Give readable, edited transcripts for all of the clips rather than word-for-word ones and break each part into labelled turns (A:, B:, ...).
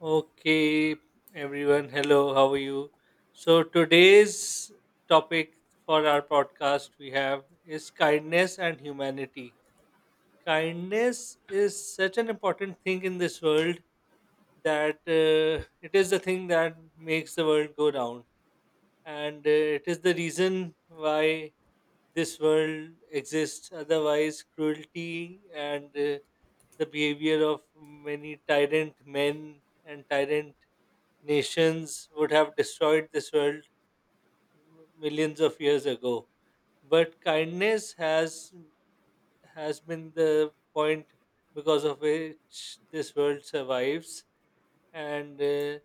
A: Okay, everyone, hello, how are you? So, today's topic for our podcast we have is kindness and humanity. Kindness is such an important thing in this world that it is the thing that makes the world go round, and it is the reason why this world exists. Otherwise, cruelty and the behavior of many tyrant men and tyrant nations would have destroyed this world millions of years ago, but kindness has been the point because of which this world survives, and uh,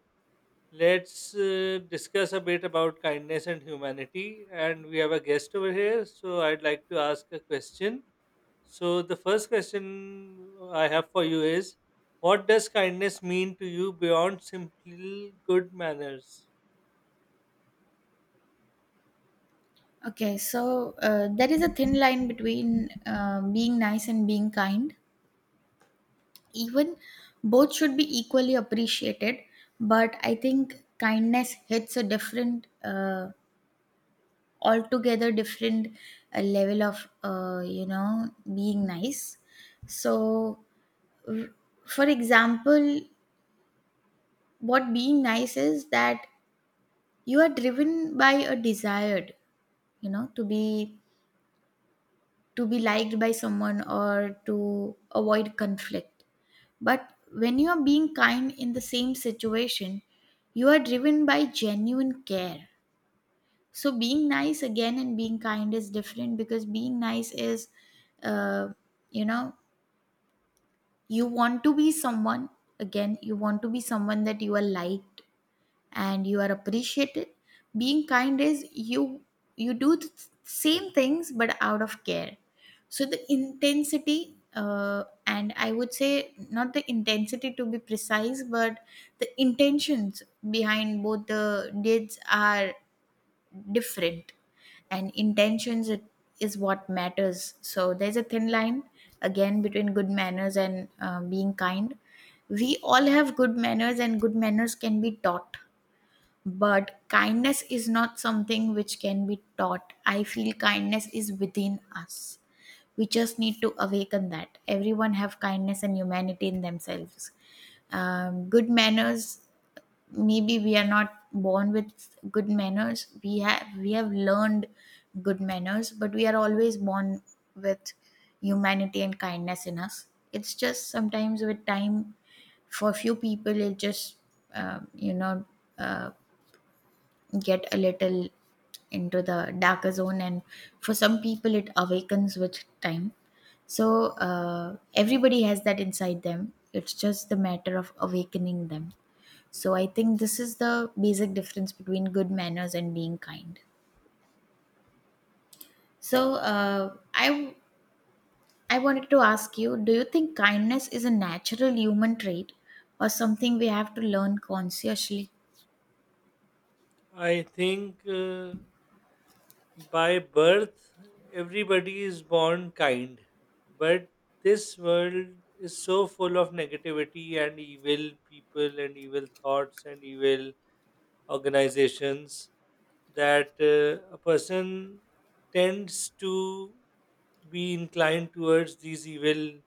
A: let's uh, discuss a bit about kindness and humanity. And we have a guest over here, so I'd like to ask a question. So the first question I have for you is, what does kindness mean to you beyond simple good manners?
B: Okay, so there is a thin line between being nice and being kind. Even both should be equally appreciated, but I think kindness hits a different, altogether different level of, being nice. So, r- for example, what being nice is that you are driven by a desired, you know, to be to be liked by someone or to avoid conflict. But when you are being kind in the same situation, you are driven by genuine care. So being nice again and being kind is different because being nice is, uh, you know, you want to be someone again, you want to be someone that you are liked and you are appreciated. Being kind is you do the same things but out of care. So the intensity and I would say not the intensity to be precise, but the intentions behind both the deeds are different, and intentions is what matters. So there's a thin line again between good manners and being kind. We all have good manners, and good manners can be taught, but kindness is not something which can be taught. I feel kindness is within us. We just need to awaken that. Everyone have kindness and humanity in themselves. Um, good manners, maybe we are not born with good manners. We have we have learned good manners, but we are always born with humanity and kindness in us. It's just sometimes with time, for few people it just um, you know uh, get a little into the darker zone, and for some people it awakens with time. So everybody has that inside them. It's just the matter of awakening them. So I think this is the basic difference between good manners and being kind. So I wanted to ask you, do you think kindness is a natural human trait or something we have to learn consciously?
A: I think by birth, everybody is born kind. But this world is so full of negativity and evil people and evil thoughts and evil organizations that a person tends to be inclined towards these evil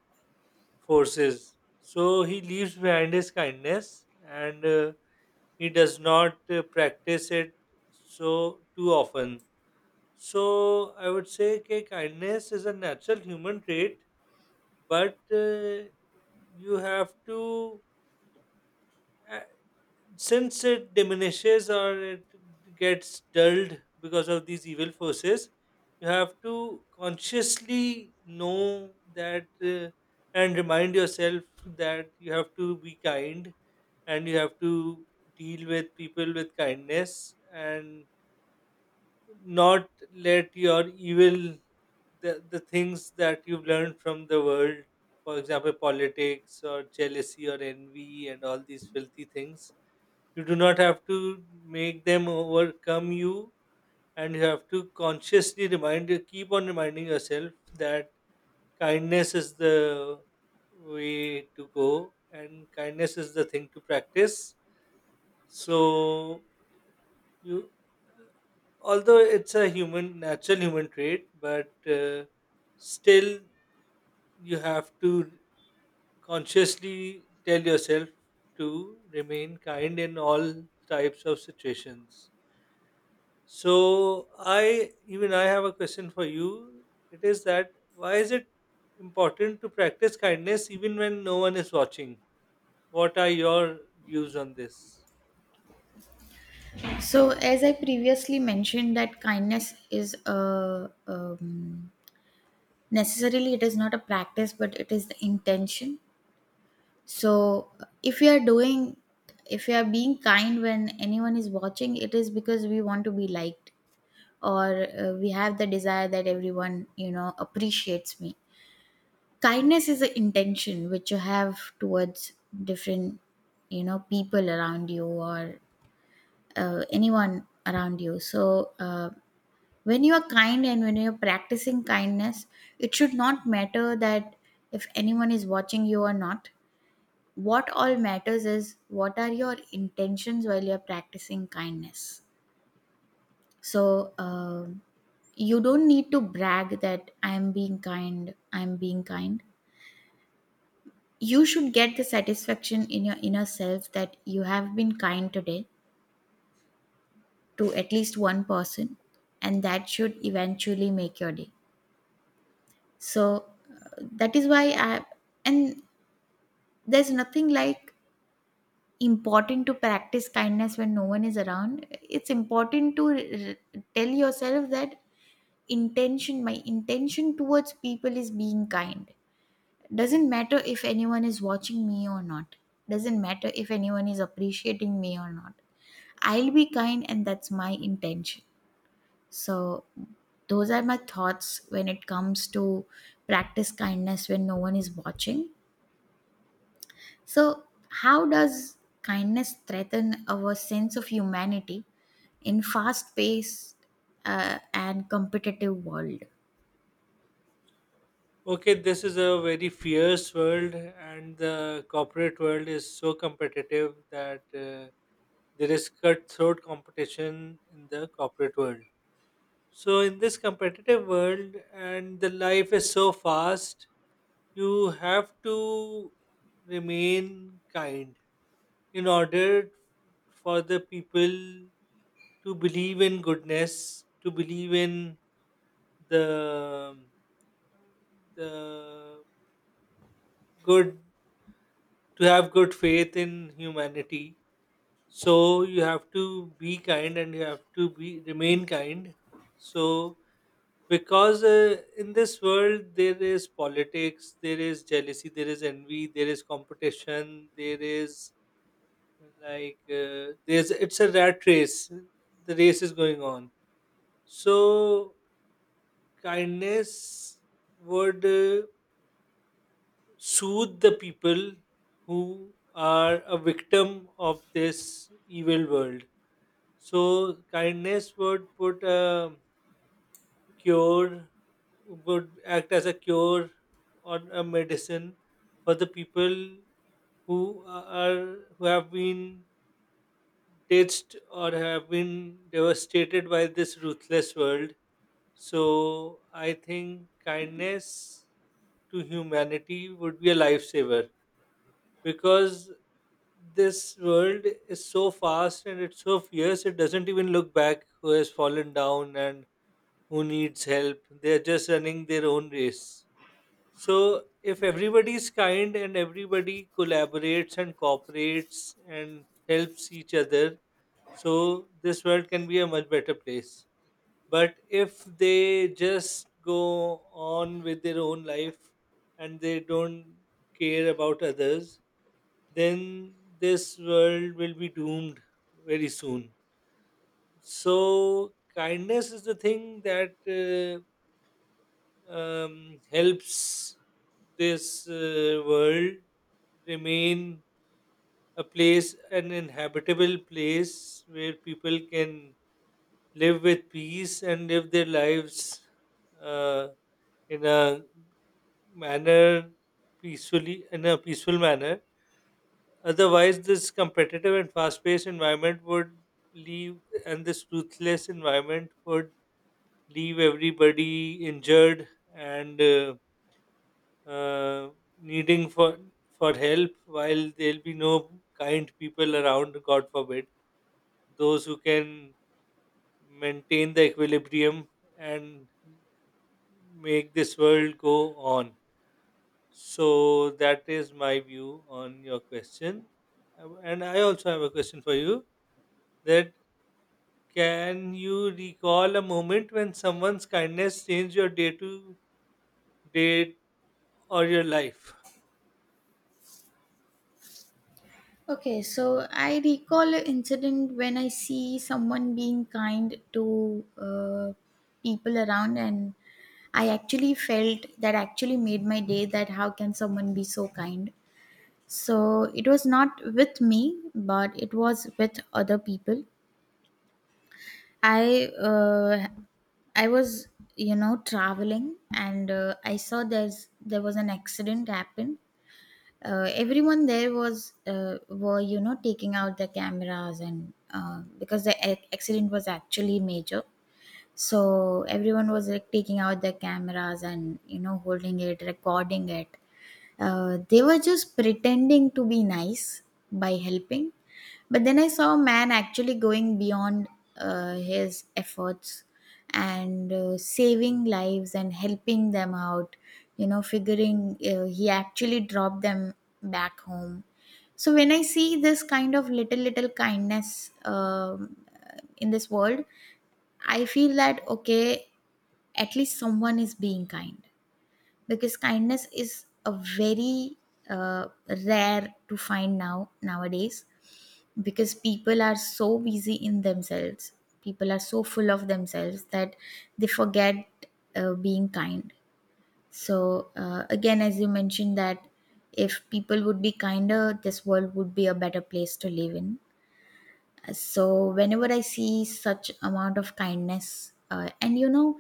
A: forces. So he leaves behind his kindness, and he does not practice it so too often. So I would say, okay, kindness is a natural human trait, but you have to, uh, since it diminishes or it gets dulled because of these evil forces, you have to consciously know that and remind yourself that you have to be kind, and you have to deal with people with kindness and not let your evil, the things that you've learned from the world, for example politics or jealousy or envy and all these filthy things, you do not have to make them overcome you. And you have to consciously remind, you keep on reminding yourself that kindness is the way to go and kindness is the thing to practice. So you, although it's a human, natural human trait, but still you have to consciously tell yourself to remain kind in all types of situations. So I, even I have a question for you. It is that, why is it important to practice kindness even when no one is watching? What are your views on this?
B: So, as I previously mentioned, that kindness is a necessarily it is not a practice, but it is the intention. So, if we are doing, if we are being kind when anyone is watching, it is because we want to be liked, or we have the desire that everyone, you know, appreciates me. Kindness is the intention which you have towards different, you know, people around you, or anyone around you. So. When you are kind and when you're practicing kindness, it should not matter that if anyone is watching you or not. What all matters is what are your intentions while you're practicing kindness. So um you don't need to brag that I am being kind, I am being kind. You should get the satisfaction in your inner self that you have been kind today to at least one person, and that should eventually make your day. So that is why I and there's nothing like important to practice kindness when no one is around. It's important to tell yourself that intention my intention towards people is being kind. Doesn't matter if anyone is watching me or not. Doesn't matter if anyone is appreciating me or not. I'll be kind, and that's my intention. So those are my thoughts when it comes to practice kindness when no one is watching. So, how does kindness threaten our sense of humanity in fast-paced and competitive world?
A: Okay, this is a very fierce world, and the corporate world is so competitive that there is cutthroat competition in the corporate world. So, in this competitive world, and the life is so fast, you have to remain kind in order for the people to believe in goodness, to believe in the the good, to have good faith in humanity. So you have to be kind and you have to be, remain kind. So because in this world there is politics, there is jealousy, there is envy, there is competition, there is like there's it's a rat race. The race is going on. So kindness would soothe the people who are a victim of this evil world. So kindness would put a cure, would act as a cure or a medicine for the people who have been ditched or have been devastated by this ruthless world. So I think kindness to humanity would be a lifesaver, because this world is so fast and it's so fierce, it doesn't even look back who has fallen down and who needs help, they're just running their own race. So if everybody's kind and everybody collaborates and cooperates and helps each other, so this world can be a much better place. But if they just go on with their own life and they don't care about others, then this world will be doomed very soon. So, kindness is the thing that helps this world remain a place, an inhabitable place where people can live with peace and live their lives uh, in a manner, peacefully, in a peaceful manner. Otherwise, this competitive and fast paced environment would leave, and this ruthless environment would leave everybody injured and uh, needing for help, while there'll be no kind people around, God forbid, those who can maintain the equilibrium and make this world go on. So, that is my view on your question. And I also have a question for you, that can you recall a moment when someone's kindness changed your day to day or your life?
B: Okay, so I recall an incident when I see someone being kind to people around, and I actually felt that actually made my day. That how can someone be so kind? So it was not with me, but it was with other people. I uh, I was, you know, traveling, and I saw there was an accident happened. Everyone there was were, you know, taking out their cameras, and because the accident was actually major, so everyone was like taking out their cameras and, you know, holding it, recording it. They were just pretending to be nice by helping, but then I saw a man actually going beyond his efforts and saving lives and helping them out, you know, figuring. He actually dropped them back home. So when I see this kind of little, little kindness in this world, I feel that, okay, at least someone is being kind, because kindness is a very uh, rare to find now nowadays, because people are so busy in themselves. People are so full of themselves that they forget being kind. So again, as you mentioned, that if people would be kinder, this world would be a better place to live in. So whenever I see such amount of kindness and, you know,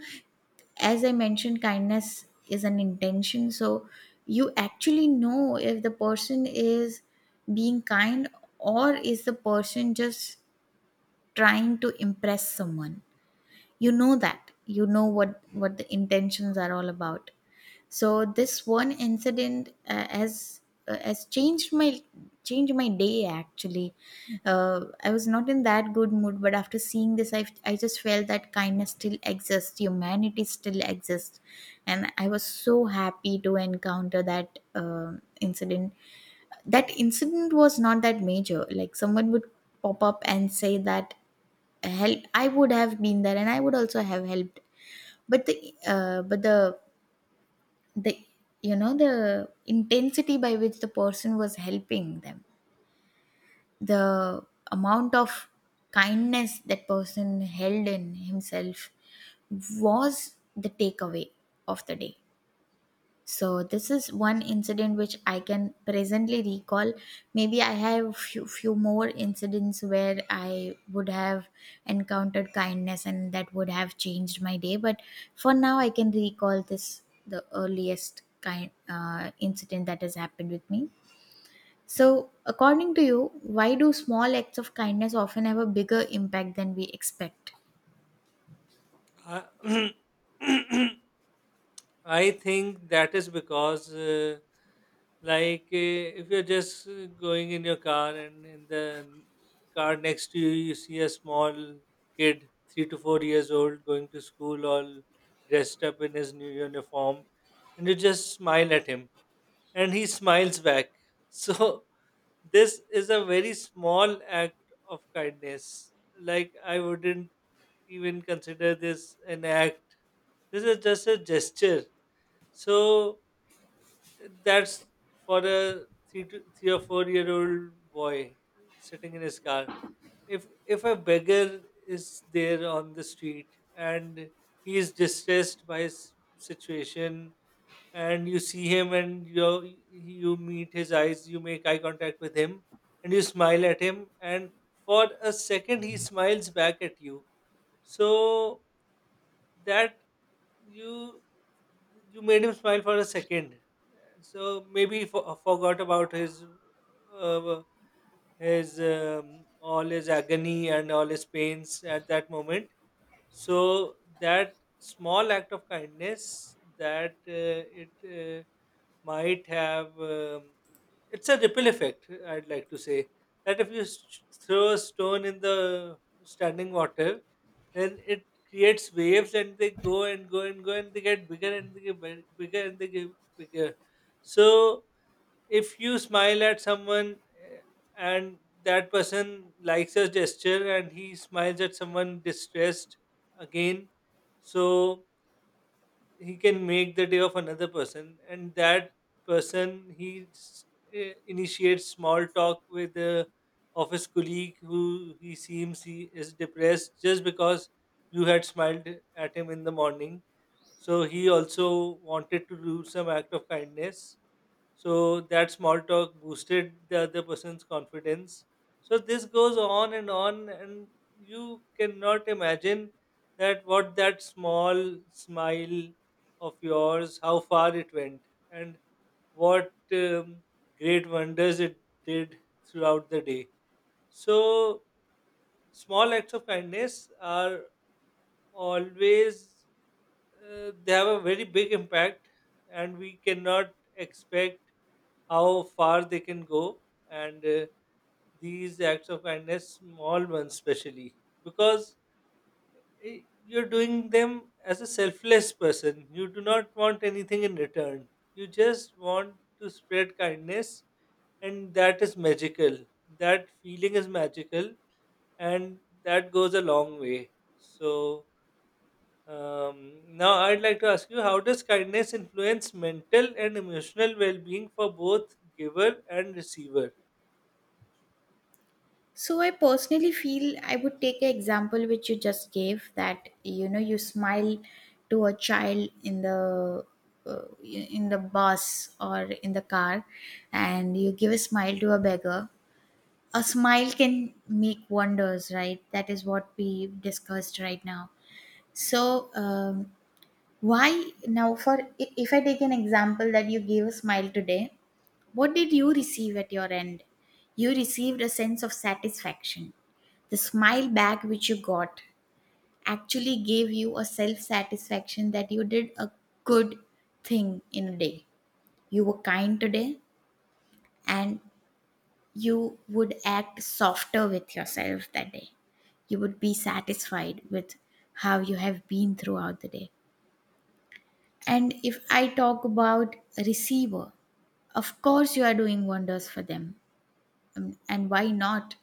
B: as I mentioned, kindness is an intention. So you actually know if the person is being kind or is the person just trying to impress someone. You know that. You know what the intentions are all about. So this one incident has changed my day, actually. I was not in that good mood, but after seeing this, I just felt that kindness still exists, humanity still exists, and I was so happy to encounter that incident. That incident was not that major like someone would pop up and say that help. I would have been there, and I would also have helped. But the uh, but the the, you know, the intensity by which the person was helping them, the amount of kindness that person held in himself, was the takeaway of the day. So this is one incident which I can presently recall. Maybe I have few, few more incidents where I would have encountered kindness and that would have changed my day. But for now, I can recall this the earliest kind incident that has happened with me. So according to you, why do small acts of kindness often have a bigger impact than we expect?
A: I I think that is because, like, if you're just going in your car and in the car next to you, you see a small kid, 3 to 4 years old, going to school, all dressed up in his new uniform, and you just smile at him, and he smiles back. So this is a very small act of kindness. Like, I wouldn't even consider this an act. This is just a gesture. So, that's for a 3 or 4 year old boy sitting in his car. If a beggar is there on the street and he is distressed by his situation and you see him and you meet his eyes, you make eye contact with him and you smile at him, and for a second he smiles back at you. So that, you you made him smile for a second. So maybe he forgot about his uh, all his agony and all his pains at that moment. So that small act of kindness, that it might have it's a ripple effect, I'd like to say, that if you throw a stone in the standing water, then it creates waves and they go and go and go and they get bigger and they get bigger and they get bigger. So if you smile at someone, eh, and that person likes your gesture and he smiles at someone distressed again, so he can make the day of another person, and that person, he initiates small talk with the office colleague who he seems, he is depressed just because you had smiled at him in the morning. So he also wanted to do some act of kindness, so that small talk boosted the other person's confidence. So this goes on, and you cannot imagine that what that small smile of yours, how far it went, and what great wonders it did throughout the day. So small acts of kindness are always they have a very big impact, and we cannot expect how far they can go. And these acts of kindness, small ones especially, because you're doing them as a selfless person, you do not want anything in return, you just want to spread kindness, and that is magical, that feeling is magical, and that goes a long way. So um, now I'd like to ask you, how does kindness influence mental and emotional well-being for both giver and receiver?
B: So I personally feel I would take an example which you just gave, that you know you smile to a child in the bus or in the car, and you give a smile to a beggar. A smile can make wonders, right? That is what we discussed right now. So why now for I- if I take an example that you gave a smile today, what did you receive at your end? You received a sense of satisfaction. The smile back which you got actually gave you a self satisfaction that you did a good thing in a day. You were kind today, and you would act softer with yourself that day. You would be satisfied with how you have been throughout the day. And if I talk about receiver, of course you are doing wonders for them. And why not?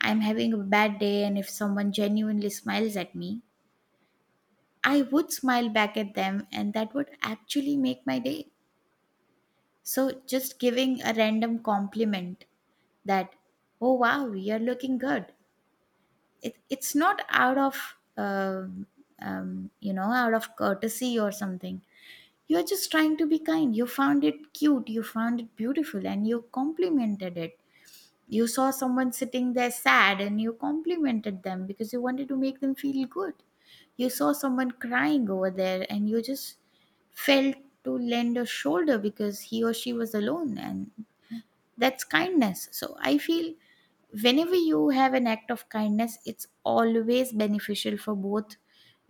B: I'm having a bad day, and if someone genuinely smiles at me, I would smile back at them, and that would actually make my day. So, just giving a random compliment that, oh wow, you're looking good, it's not out of, out of courtesy or something. You're just trying to be kind. You found it cute, you found it beautiful, and you complimented it. You saw someone sitting there sad and you complimented them because you wanted to make them feel good. You saw someone crying over there and you just felt to lend a shoulder because he or she was alone, and that's kindness. So I feel whenever you have an act of kindness, it's always beneficial for both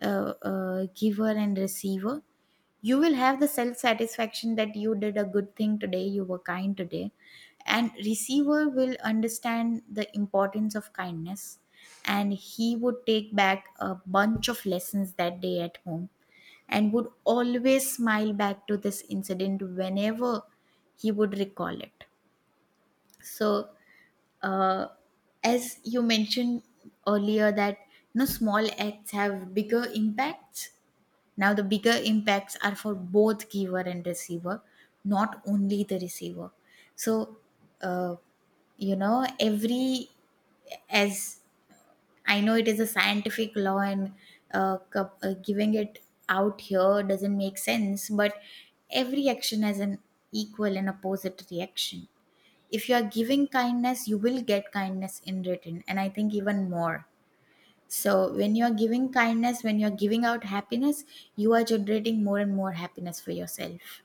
B: giver and receiver. You will have the self satisfaction that you did a good thing today, you were kind today, and receiver will understand the importance of kindness, and he would take back a bunch of lessons that day at home, and would always smile back to this incident whenever he would recall it. So uh, as you mentioned earlier that, you know, small acts have bigger impacts. Now, the bigger impacts are for both giver and receiver, not only the receiver. So, uh, you know, every, as I know it is a scientific law, and giving it out here doesn't make sense, but every action has an equal and opposite reaction. If you are giving kindness, you will get kindness in return, and I think even more so. When you are giving kindness, when you are giving out happiness, you are generating more and more happiness for yourself.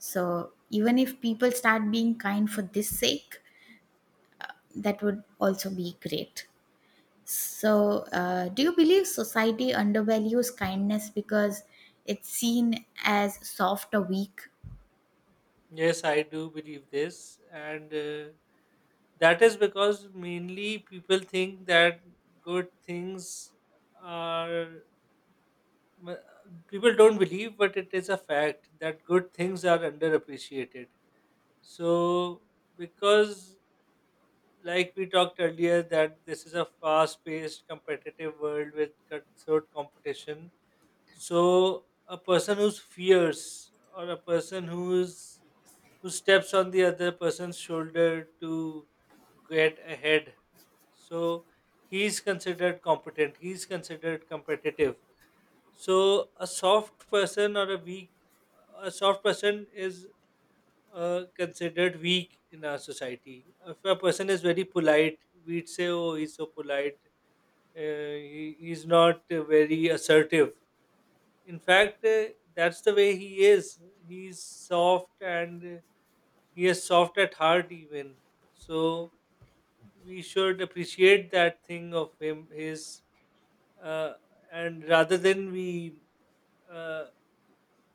B: So even if people start being kind for this sake, that would also be great. So do you believe society undervalues kindness because it's seen as soft or weak?
A: Yes, I do believe this, and that is because mainly people think that good things are. m- People don't believe, but it is a fact that good things are underappreciated. So, because, like we talked earlier, that this is a fast paced, competitive world with cutthroat competition, so a person who's fierce or a person who's, who steps on the other person's shoulder to get ahead. So he's considered competent. He's considered competitive. So a soft person or a weak, a soft person is considered weak in our society. If a person is very polite, we'd say, "Oh, he's so polite. Uh, he, he's not very assertive." In fact, that's the way he is. He's soft and he is soft at heart, even. So we should appreciate that thing of him, his, uh, and rather than we uh,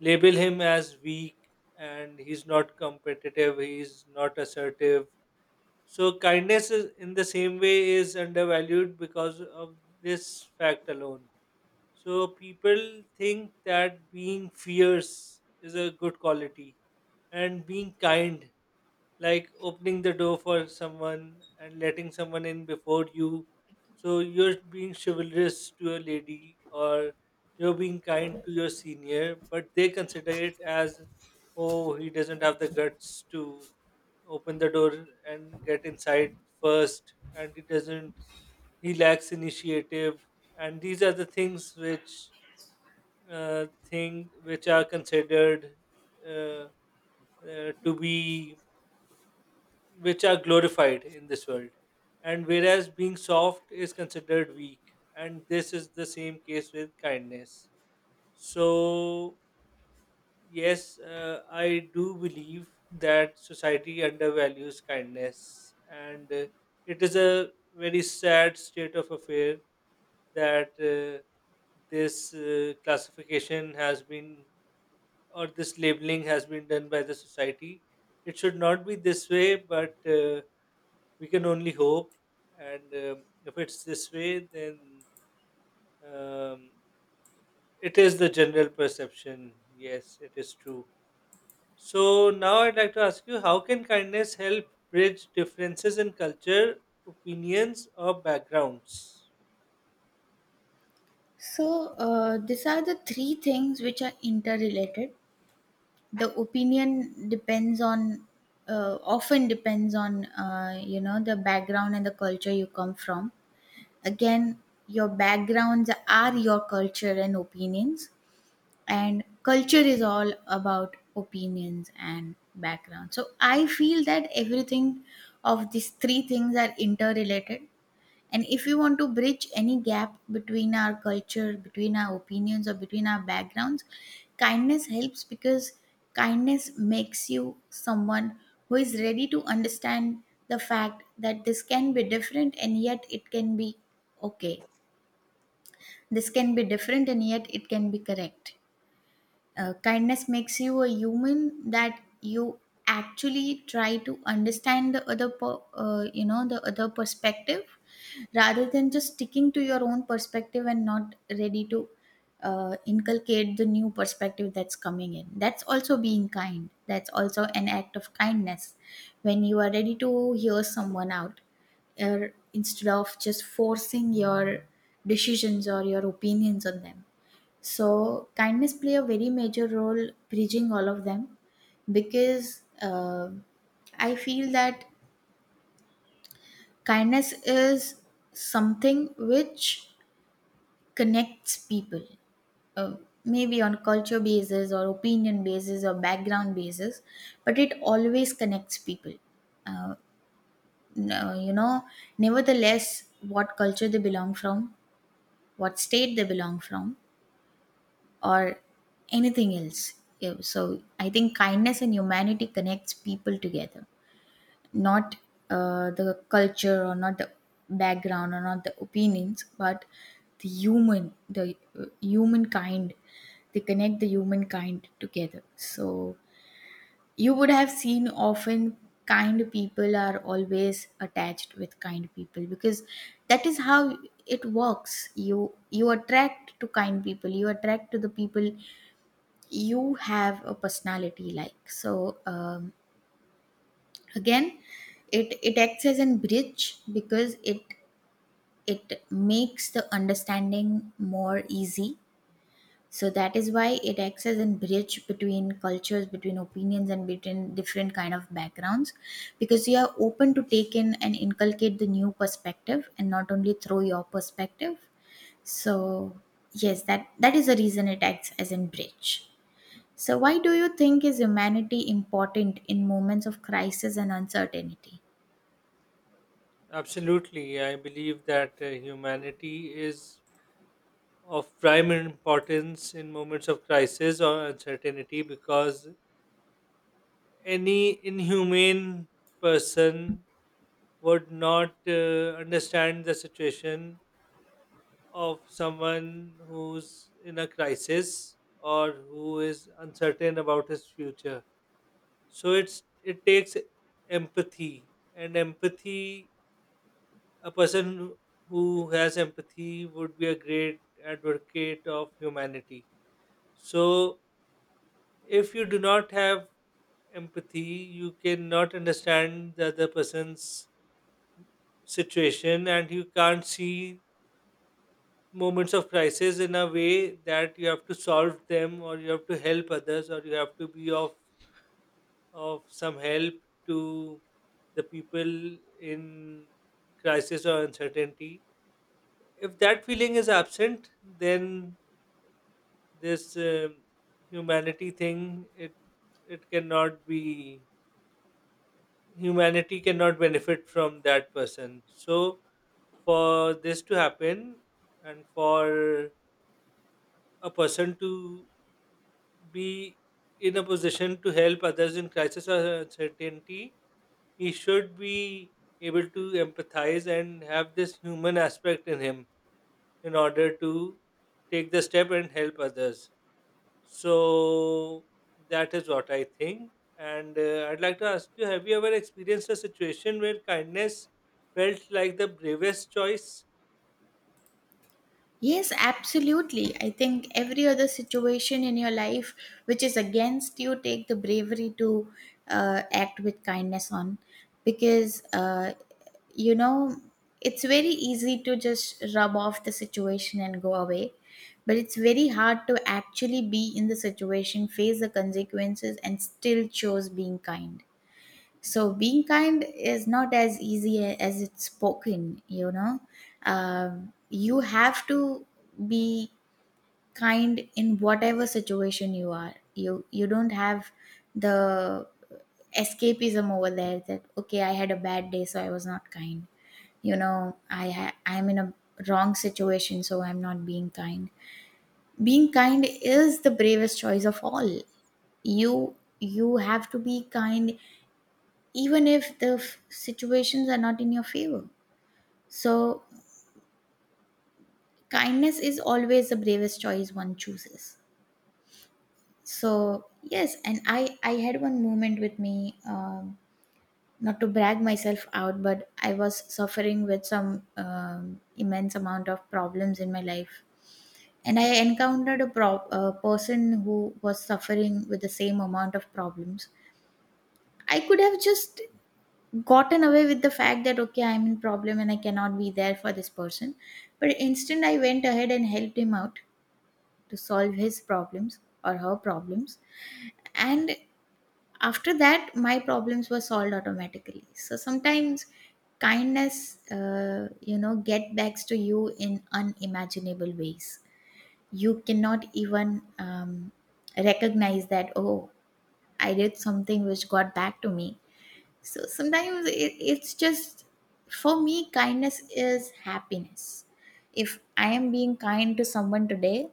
A: label him as weak and he's not competitive, he's not assertive. So kindness is, in the same way is undervalued because of this fact alone. So people think that being fierce is a good quality, and being kind, like opening the door for someone and letting someone in before you. So you're being chivalrous to a lady or you're being kind to your senior, but they consider it as, oh, he doesn't have the guts to open the door and get inside first, and he doesn't, he lacks initiative. And these are the things which thing which are considered uh, to be, which are glorified in this world, and whereas being soft is considered weak, and this is the same case with kindness. So yes, I do believe that society undervalues kindness, and it is a very sad state of affair that this classification has been, or this labeling has been done by the society. It should not be this way, but we can only hope. And if it's this way, then um, it is the general perception. Yes, it is true. So now I'd like to ask you, how can kindness help bridge differences in culture, opinions, or backgrounds?
B: These are the three things which are interrelated. The opinion depends on, often depends on, the background and the culture you come from. Again, your backgrounds are your culture and opinions, and culture is all about opinions and background, so I feel that everything of these three things are interrelated. And if we want to bridge any gap between our culture, between our opinions, or between our backgrounds, kindness helps, because kindness makes you someone who is ready to understand the fact that this can be different and yet it can be okay. This can be different and yet it can be correct. Kindness makes you a human that you actually try to understand the other, the other perspective, rather than just sticking to your own perspective and not ready to inculcate the new perspective that's coming in. That's also being kind. That's also an act of kindness, when you are ready to hear someone out, instead of just forcing your decisions or your opinions on them. So kindness play a very major role bridging all of them, because I feel that kindness is something which connects people. Uh, Maybe on culture basis or opinion basis or background basis, but it always connects people, uh, you know, nevertheless what culture they belong from, what state they belong from, or anything else. Yeah. So I think kindness and humanity connects people together, not the culture, or not the background, or not the opinions, but the human, the humankind. They connect the humankind together. So you would have seen often kind people are always attached with kind people, because that is how it works. You attract to kind people, you attract to the people you have a personality like. So again, it acts as an bridge, because it makes the understanding more easy. So that is why it acts as a bridge between cultures, between opinions, and between different kind of backgrounds, because you are open to take in and inculcate the new perspective and not only throw your perspective. So yes, that is the reason it acts as a bridge. So, why do you think is humanity important in moments of crisis and uncertainty?
A: Absolutely. I believe that humanity is of prime importance in moments of crisis or uncertainty, because any inhumane person would not understand the situation of someone who's in a crisis or who is uncertain about his future. So it takes empathy, and empathy, a person who has empathy would be a great advocate of humanity. So if you do not have empathy, you cannot understand the other person's situation, and you can't see moments of crisis in a way that you have to solve them or you have to help others or you have to be of some help to the people in crisis or uncertainty. If that feeling is absent, then this humanity thing, it cannot be, humanity cannot benefit from that person. So, for this to happen, and for a person to be in a position to help others in crisis or uncertainty, he should be able to empathize and have this human aspect in him in order to take the step and help others. So that is what I think. And I'd like to ask you, have you ever experienced a situation where kindness felt like the bravest choice?
B: Yes, absolutely. I think every other situation in your life which is against you, take the bravery to act with kindness on, because you know it's very easy to just rub off the situation and go away, but it's very hard to actually be in the situation, face the consequences, and still chose being kind. So being kind is not as easy as it's spoken, you know. You have to be kind in whatever situation you are. You don't have the escapism over there that okay, I had a bad day so I was not kind. You know, I'm in a wrong situation so I'm not being kind. Being kind is the bravest choice of all. You have to be kind even if the situations are not in your favor. So, kindness is always the bravest choice one chooses. So, yes, and I had one moment with me, not to brag myself out, but I was suffering with some immense amount of problems in my life. And I encountered a, a person who was suffering with the same amount of problems. I could have just gotten away with the fact that okay, I'm in problem and I cannot be there for this person, but instead I went ahead and helped him out to solve his problems, or her problems. And after that my problems were solved automatically. So sometimes kindness, get backs to you in unimaginable ways. You cannot even recognize that oh, I did something which got back to me. So sometimes it's just, for me, kindness is happiness. If I am being kind to someone today,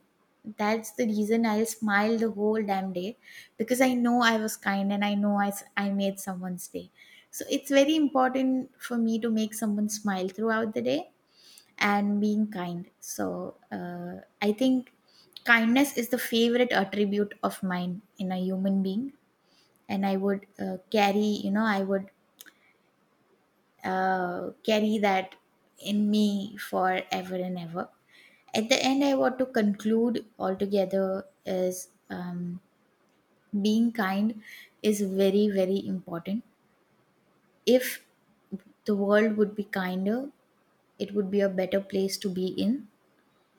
B: that's the reason I'll smile the whole damn day, because I know I was kind and I know I made someone's day. So it's very important for me to make someone smile throughout the day and being kind. So I think kindness is the favorite attribute of mine in a human being, and I would carry, I would carry that in me forever and ever. At the end, I want to conclude altogether is, being kind is very, very important. If the world would be kinder, it would be a better place to be in.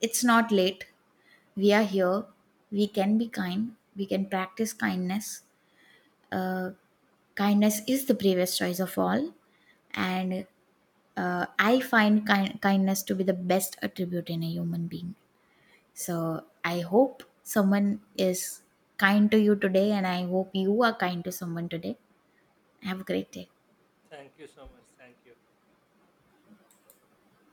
B: It's not late. We are here. We can be kind. We can practice kindness. Uh, Kindness is the bravest choice of all. And I find kindness to be the best attribute in a human being. So I hope someone is kind to you today, and I hope you are kind to someone today. Have a great day.
A: Thank you so much. Thank you.